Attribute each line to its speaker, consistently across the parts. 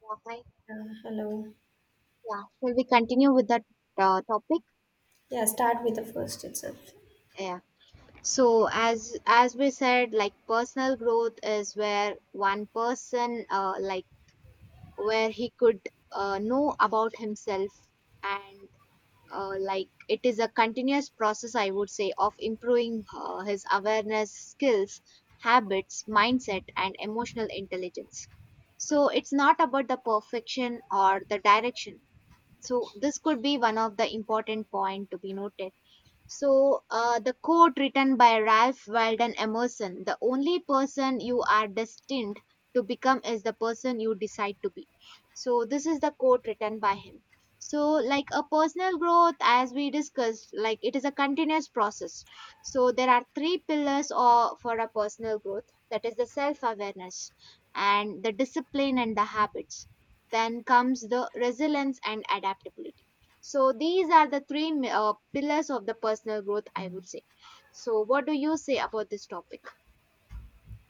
Speaker 1: Yeah, hi.
Speaker 2: Uh, Hello.
Speaker 1: Yeah, shall we continue with that topic?
Speaker 2: Yeah, start with the first itself.
Speaker 1: Yeah. So as we said, like personal growth is where one person, where he could know about himself, and like it is a continuous process, I would say, of improving his awareness, skills, habits, mindset, and emotional intelligence. So it's not about the perfection or the direction. So this could be one of the important point to be noted. So, the quote written by Ralph Waldo Emerson, the only person you are destined to become is the person you decide to be. So, this is the quote written by him. So, like a personal growth, as we discussed, like it is a continuous process. So, there are three pillars or for a personal growth, that is the self awareness, and the discipline and the habits. Then comes the resilience and adaptability. So these are the three pillars of the personal growth, I would say. So what do you say about this topic?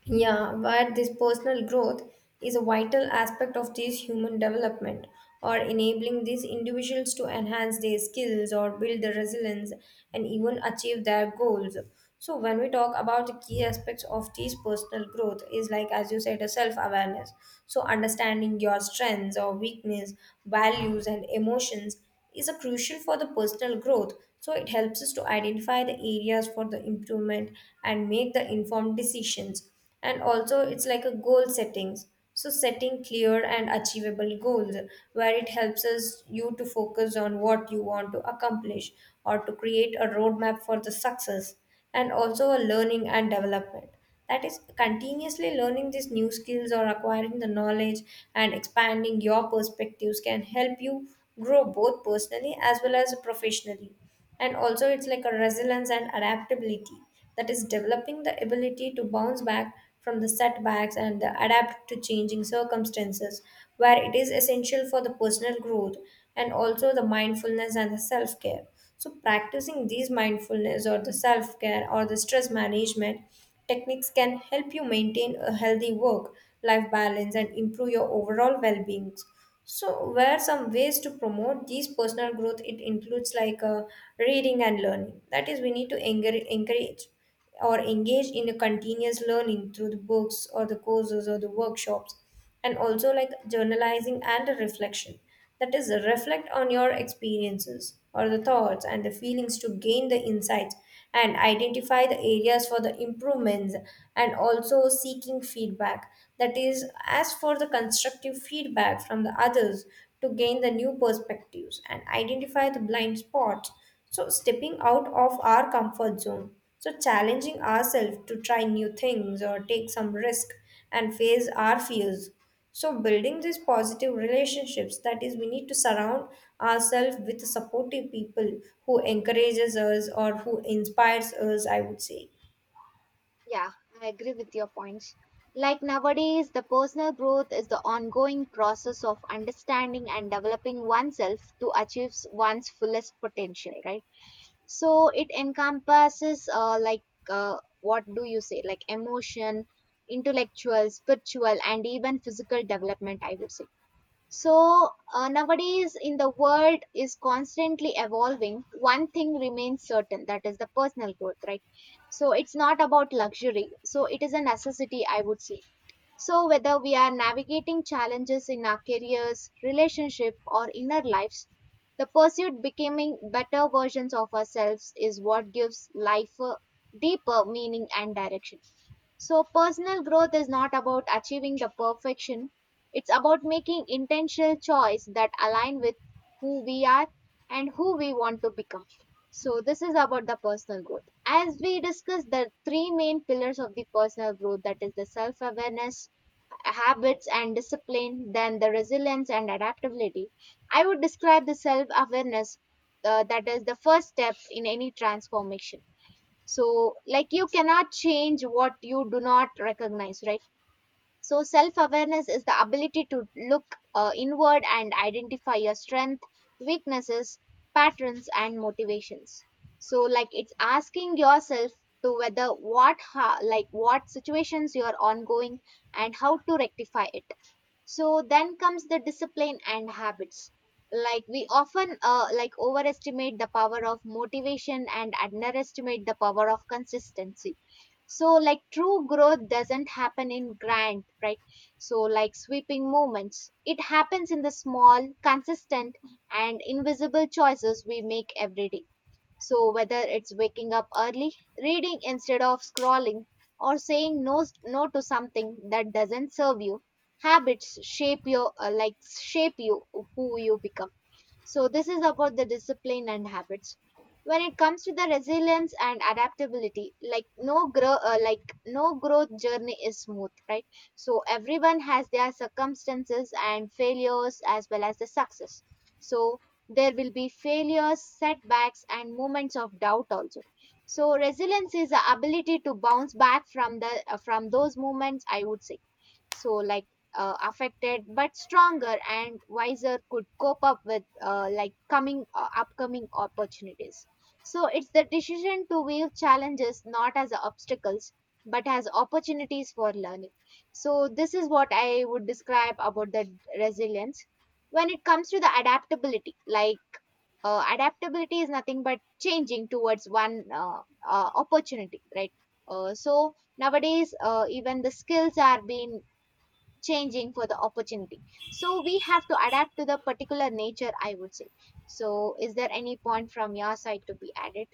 Speaker 2: Yeah, where this personal growth is a vital aspect of this human development or enabling these individuals to enhance their skills or build their resilience and even achieve their goals. So when we talk about the key aspects of this personal growth is like as you said a self-awareness. So understanding your strengths or weakness, values and emotions is a crucial for the personal growth. So it helps us to identify the areas for the improvement and make the informed decisions, and also it's like a goal settings, so setting clear and achievable goals where it helps us you to focus on what you want to accomplish or to create a roadmap for the success. And also a learning and development, that is continuously learning these new skills or acquiring the knowledge and expanding your perspectives can help you grow both personally as well as professionally. And also it's like a resilience and adaptability, that is developing the ability to bounce back from the setbacks and the adapt to changing circumstances where it is essential for the personal growth. And also the mindfulness and the self-care, so practicing these mindfulness or the self-care or the stress management techniques can help you maintain a healthy work life balance and improve your overall well-being. So, where some ways to promote these personal growth? It includes like reading and learning. That is, we need to encourage or engage in a continuous learning through the books or the courses or the workshops, and also like journalizing and reflection. That is, reflect on your experiences or the thoughts and the feelings to gain the insights and identify the areas for the improvements, and also seeking feedback. That is, ask for the constructive feedback from the others to gain the new perspectives and identify the blind spots. So, stepping out of our comfort zone. So, challenging ourselves to try new things or take some risk and face our fears. So, building these positive relationships, that is, we need to surround ourselves with supportive people who encourages us or who inspires us, I would say.
Speaker 1: Yeah, I agree with your points. Like nowadays, the personal growth is the ongoing process of understanding and developing oneself to achieve one's fullest potential, right? So it encompasses, what do you say, like emotion, intellectual, spiritual, and even physical development, I would say. So nowadays in the world is constantly evolving. One thing remains certain, that is the personal growth, right? So it's not about luxury. So it is a necessity, I would say. So whether we are navigating challenges in our careers, relationship, or inner lives, the pursuit becoming better versions of ourselves is what gives life a deeper meaning and direction. So, personal growth is not about achieving the perfection, it's about making intentional choice that align with who we are and who we want to become. So, this is about the personal growth. As we discussed, the three main pillars of the personal growth, that is the self awareness, habits and discipline, then the resilience and adaptability. I would describe the self awareness, that is the first step in any transformation. So like you cannot change what you do not recognize, right? So self awareness is the ability to look inward and identify your strength, weaknesses, patterns and motivations. So like it's asking yourself to whether what ha- like what situations you are ongoing and how to rectify it. So then comes the discipline and habits. Like we often overestimate the power of motivation and underestimate the power of consistency. So like true growth doesn't happen in grand, right? So like sweeping movements, it happens in the small, consistent and invisible choices we make every day. So, whether it's waking up early, reading instead of scrolling, or saying no, no to something that doesn't serve you, habits shape your shape you who you become. So, this is about the discipline and habits. When it comes to the resilience and adaptability, like no growth journey is smooth, right? So everyone has their circumstances and failures as well as the success. So there will be failures, setbacks, and moments of doubt also. So resilience is the ability to bounce back from those moments, I would say. So like affected but stronger and wiser, could cope up with like coming upcoming opportunities. So it's the decision to view challenges not as obstacles but as opportunities for learning. So this is what I would describe about the resilience. When it comes to the adaptability, like adaptability is nothing but changing towards one opportunity, right? So nowadays, even the skills are being changing for the opportunity. So we have to adapt to the particular nature, I would say. So is there any point from your side to be added?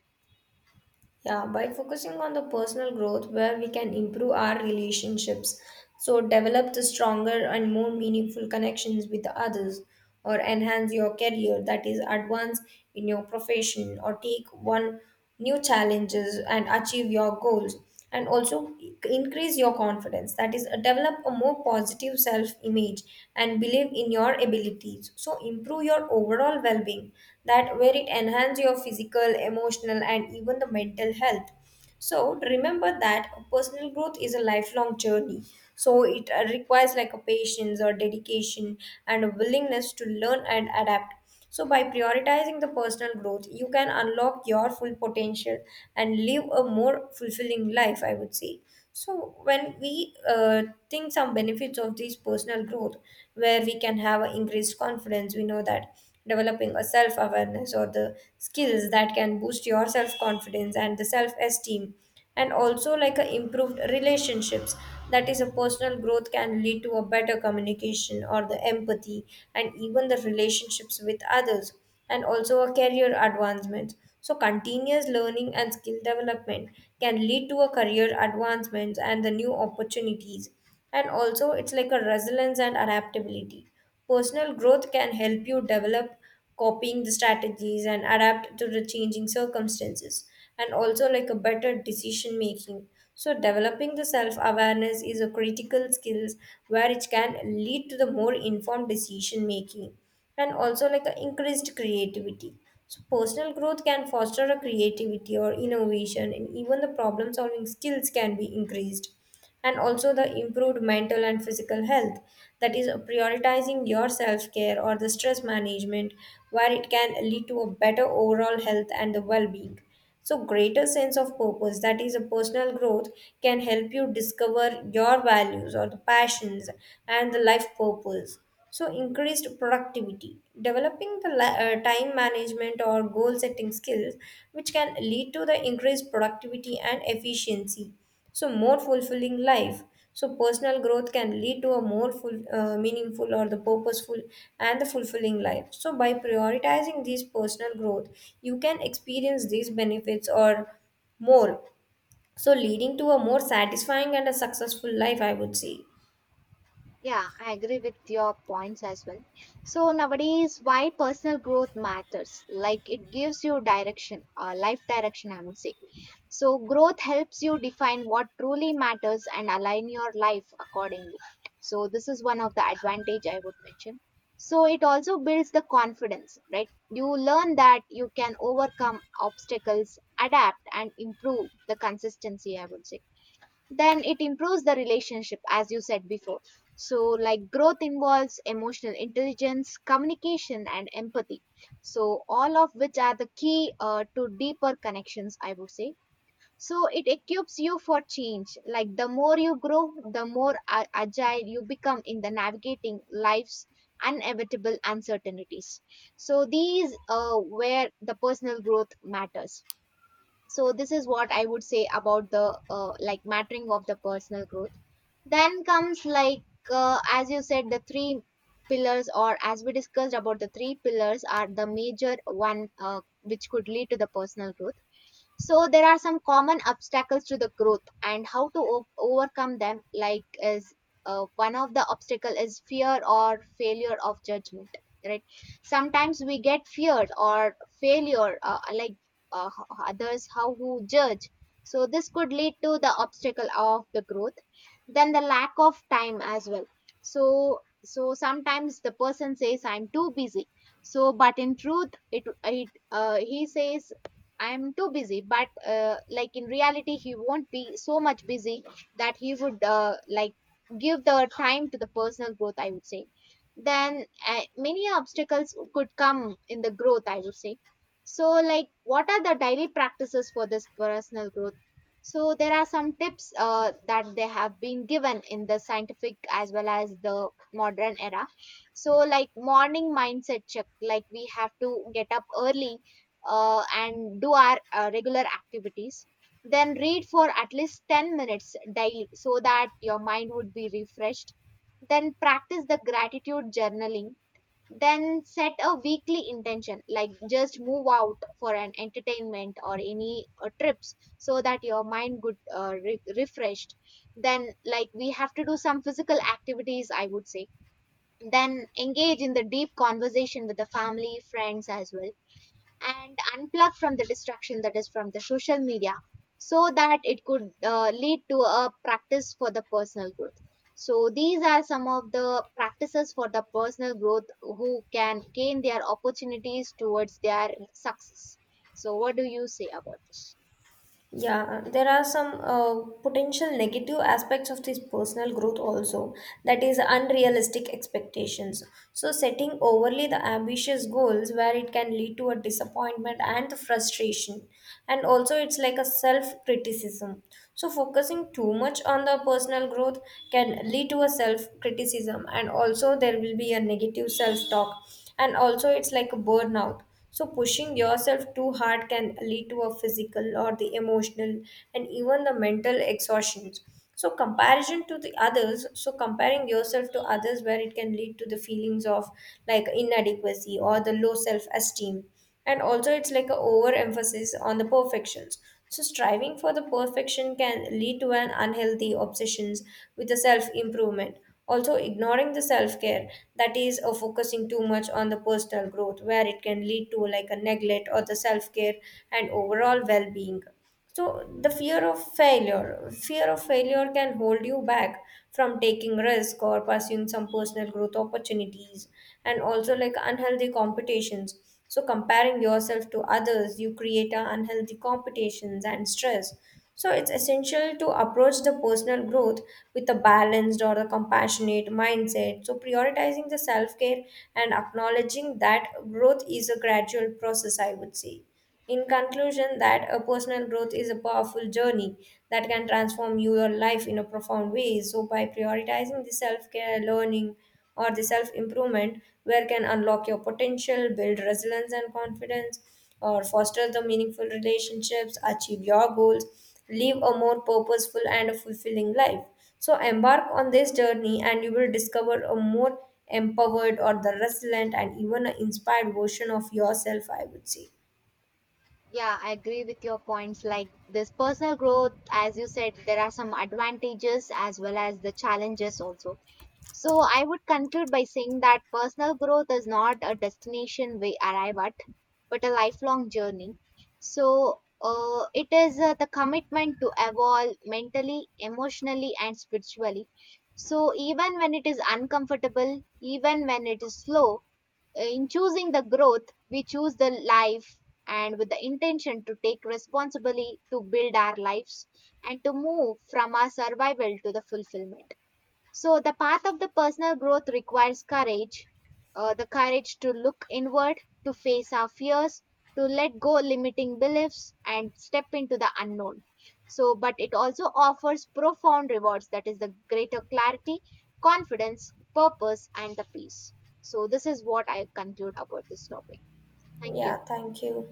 Speaker 2: Yeah, by focusing on the personal growth where we can improve our relationships, so develop the stronger and more meaningful connections with the others, or enhance your career, that is, advance in your profession, or take one new challenges and achieve your goals. And also increase your confidence, that is develop a more positive self image and believe in your abilities, so improve your overall well being, that where it enhance your physical emotional and even the mental health. So remember that personal growth is a lifelong journey, so it requires like a patience or dedication and a willingness to learn and adapt. So, by prioritizing the personal growth, you can unlock your full potential and live a more fulfilling life, I would say. So, when we think some benefits of this personal growth, where we can have an increased confidence, we know that developing a self awareness or the skills that can boost your self confidence and the self esteem. And also like a improved relationships, that is a personal growth can lead to a better communication or the empathy and even the relationships with others. And also a career advancement, so continuous learning and skill development can lead to a career advancements and the new opportunities. And also it's like a resilience and adaptability, personal growth can help you develop copying the strategies and adapt to the changing circumstances. And also like a better decision making, so developing the self awareness is a critical skills where it can lead to the more informed decision making. And also like a increased creativity, so personal growth can foster a creativity or innovation, and even the problem solving skills can be increased. And also the improved mental and physical health, that is, prioritizing your self care or the stress management, where it can lead to a better overall health and the well being. So, greater sense of purpose, that is a personal growth, can help you discover your values or the passions and the life purpose. So, increased productivity, developing the time management or goal setting skills, which can lead to the increased productivity and efficiency. So more fulfilling life, so personal growth can lead to a more meaningful or the purposeful and the fulfilling life. So by prioritizing this personal growth you can experience these benefits or more, so leading to a more satisfying and a successful life, I would say.
Speaker 1: Yeah, I agree with your points as well. So nowadays, why personal growth matters? Like it gives you direction, life direction, I would say. So growth helps you define what truly matters and align your life accordingly. So this is one of the advantage I would mention. So it also builds the confidence, right? You learn that you can overcome obstacles, adapt, and improve the consistency, I would say. Then it improves the relationship, as you said before. So like growth involves emotional intelligence, communication and empathy, so all of which are the key to deeper connections, I would say. So it equips you for change. Like the more you grow, the more agile you become in the navigating life's inevitable uncertainties. So these where the personal growth matters. So this is what I would say about the mattering of the personal growth. Then comes like, as you said, the three pillars, or as we discussed about the three pillars, are the major one which could lead to the personal growth. So there are some common obstacles to the growth and how to overcome them. Like is, one of the obstacle is fear or failure of judgment. Right. Sometimes we get feared or failure, others how who judge. So this could lead to the obstacle of the growth. Then the lack of time as well. So sometimes the person says I'm too busy. So but in truth, it he says I'm too busy, but like in reality, he won't be so much busy that he would give the time to the personal growth, I would say. Then many obstacles could come in the growth, I would say. So, like, what are the daily practices for this personal growth? So, there are some tips that they have been given in the scientific as well as the modern era. So, like, morning mindset check, like, we have to get up early and do our regular activities, then read for at least 10 minutes daily so that your mind would be refreshed, then practice the gratitude journaling, then set a weekly intention like just move out for an entertainment or any trips so that your mind could refreshed, then like we have to do some physical activities, I would say, then engage in the deep conversation with the family friends as well, and unplug from the distraction, that is from the social media, so that it could lead to a practice for the personal growth. So these are some of the practices for the personal growth who can gain their opportunities towards their success. So what do you say about this?
Speaker 2: Yeah, there are some potential negative aspects of this personal growth also, that is unrealistic expectations. So, setting overly the ambitious goals where it can lead to a disappointment and the frustration, and also it's like a self criticism. So, focusing too much on the personal growth can lead to a self criticism, and also there will be a negative self talk, and also it's like a burnout. So, pushing yourself too hard can lead to a physical or the emotional and even the mental exhaustion. So, comparison to the others, so comparing yourself to others, where it can lead to the feelings of like inadequacy or the low self esteem. And also it's like a overemphasis on the perfections, so striving for the perfection can lead to an unhealthy obsessions with the self improvement. Also ignoring the self care, that is focusing too much on the personal growth where it can lead to like a neglect or the self care and overall well being. So, the fear of failure can hold you back from taking risk or pursuing some personal growth opportunities, and also like unhealthy competitions. So, comparing yourself to others, you create a unhealthy competitions and stress. So, it's essential to approach the personal growth with a balanced or a compassionate mindset. So, prioritizing the self care and acknowledging that growth is a gradual process, I would say. In conclusion, that a personal growth is a powerful journey that can transform your life in a profound way. So, by prioritizing the self care, learning, or the self improvement, where can unlock your potential, build resilience and confidence, or foster the meaningful relationships, achieve your goals, live a more purposeful and a fulfilling life. So, embark on this journey, and you will discover a more empowered or the resilient and even an inspired version of yourself, I would say.
Speaker 1: Yeah, I agree with your points. Like this personal growth, as you said, there are some advantages as well as the challenges also. So I would conclude by saying that personal growth is not a destination we arrive at, but a lifelong journey. So it is the commitment to evolve mentally, emotionally, and spiritually. So even when it is uncomfortable, even when it is slow, in choosing the growth, we choose the life, and with the intention to take responsibility to build our lives and to move from our survival to the fulfillment. So, the path of the personal growth requires courage, the courage to look inward, to face our fears, to let go limiting beliefs, and step into the unknown. So, but it also offers profound rewards, that is, the greater clarity, confidence, purpose, and the peace. So, this is what I conclude about this topic. Thank
Speaker 2: Yeah,
Speaker 1: you.
Speaker 2: thank you.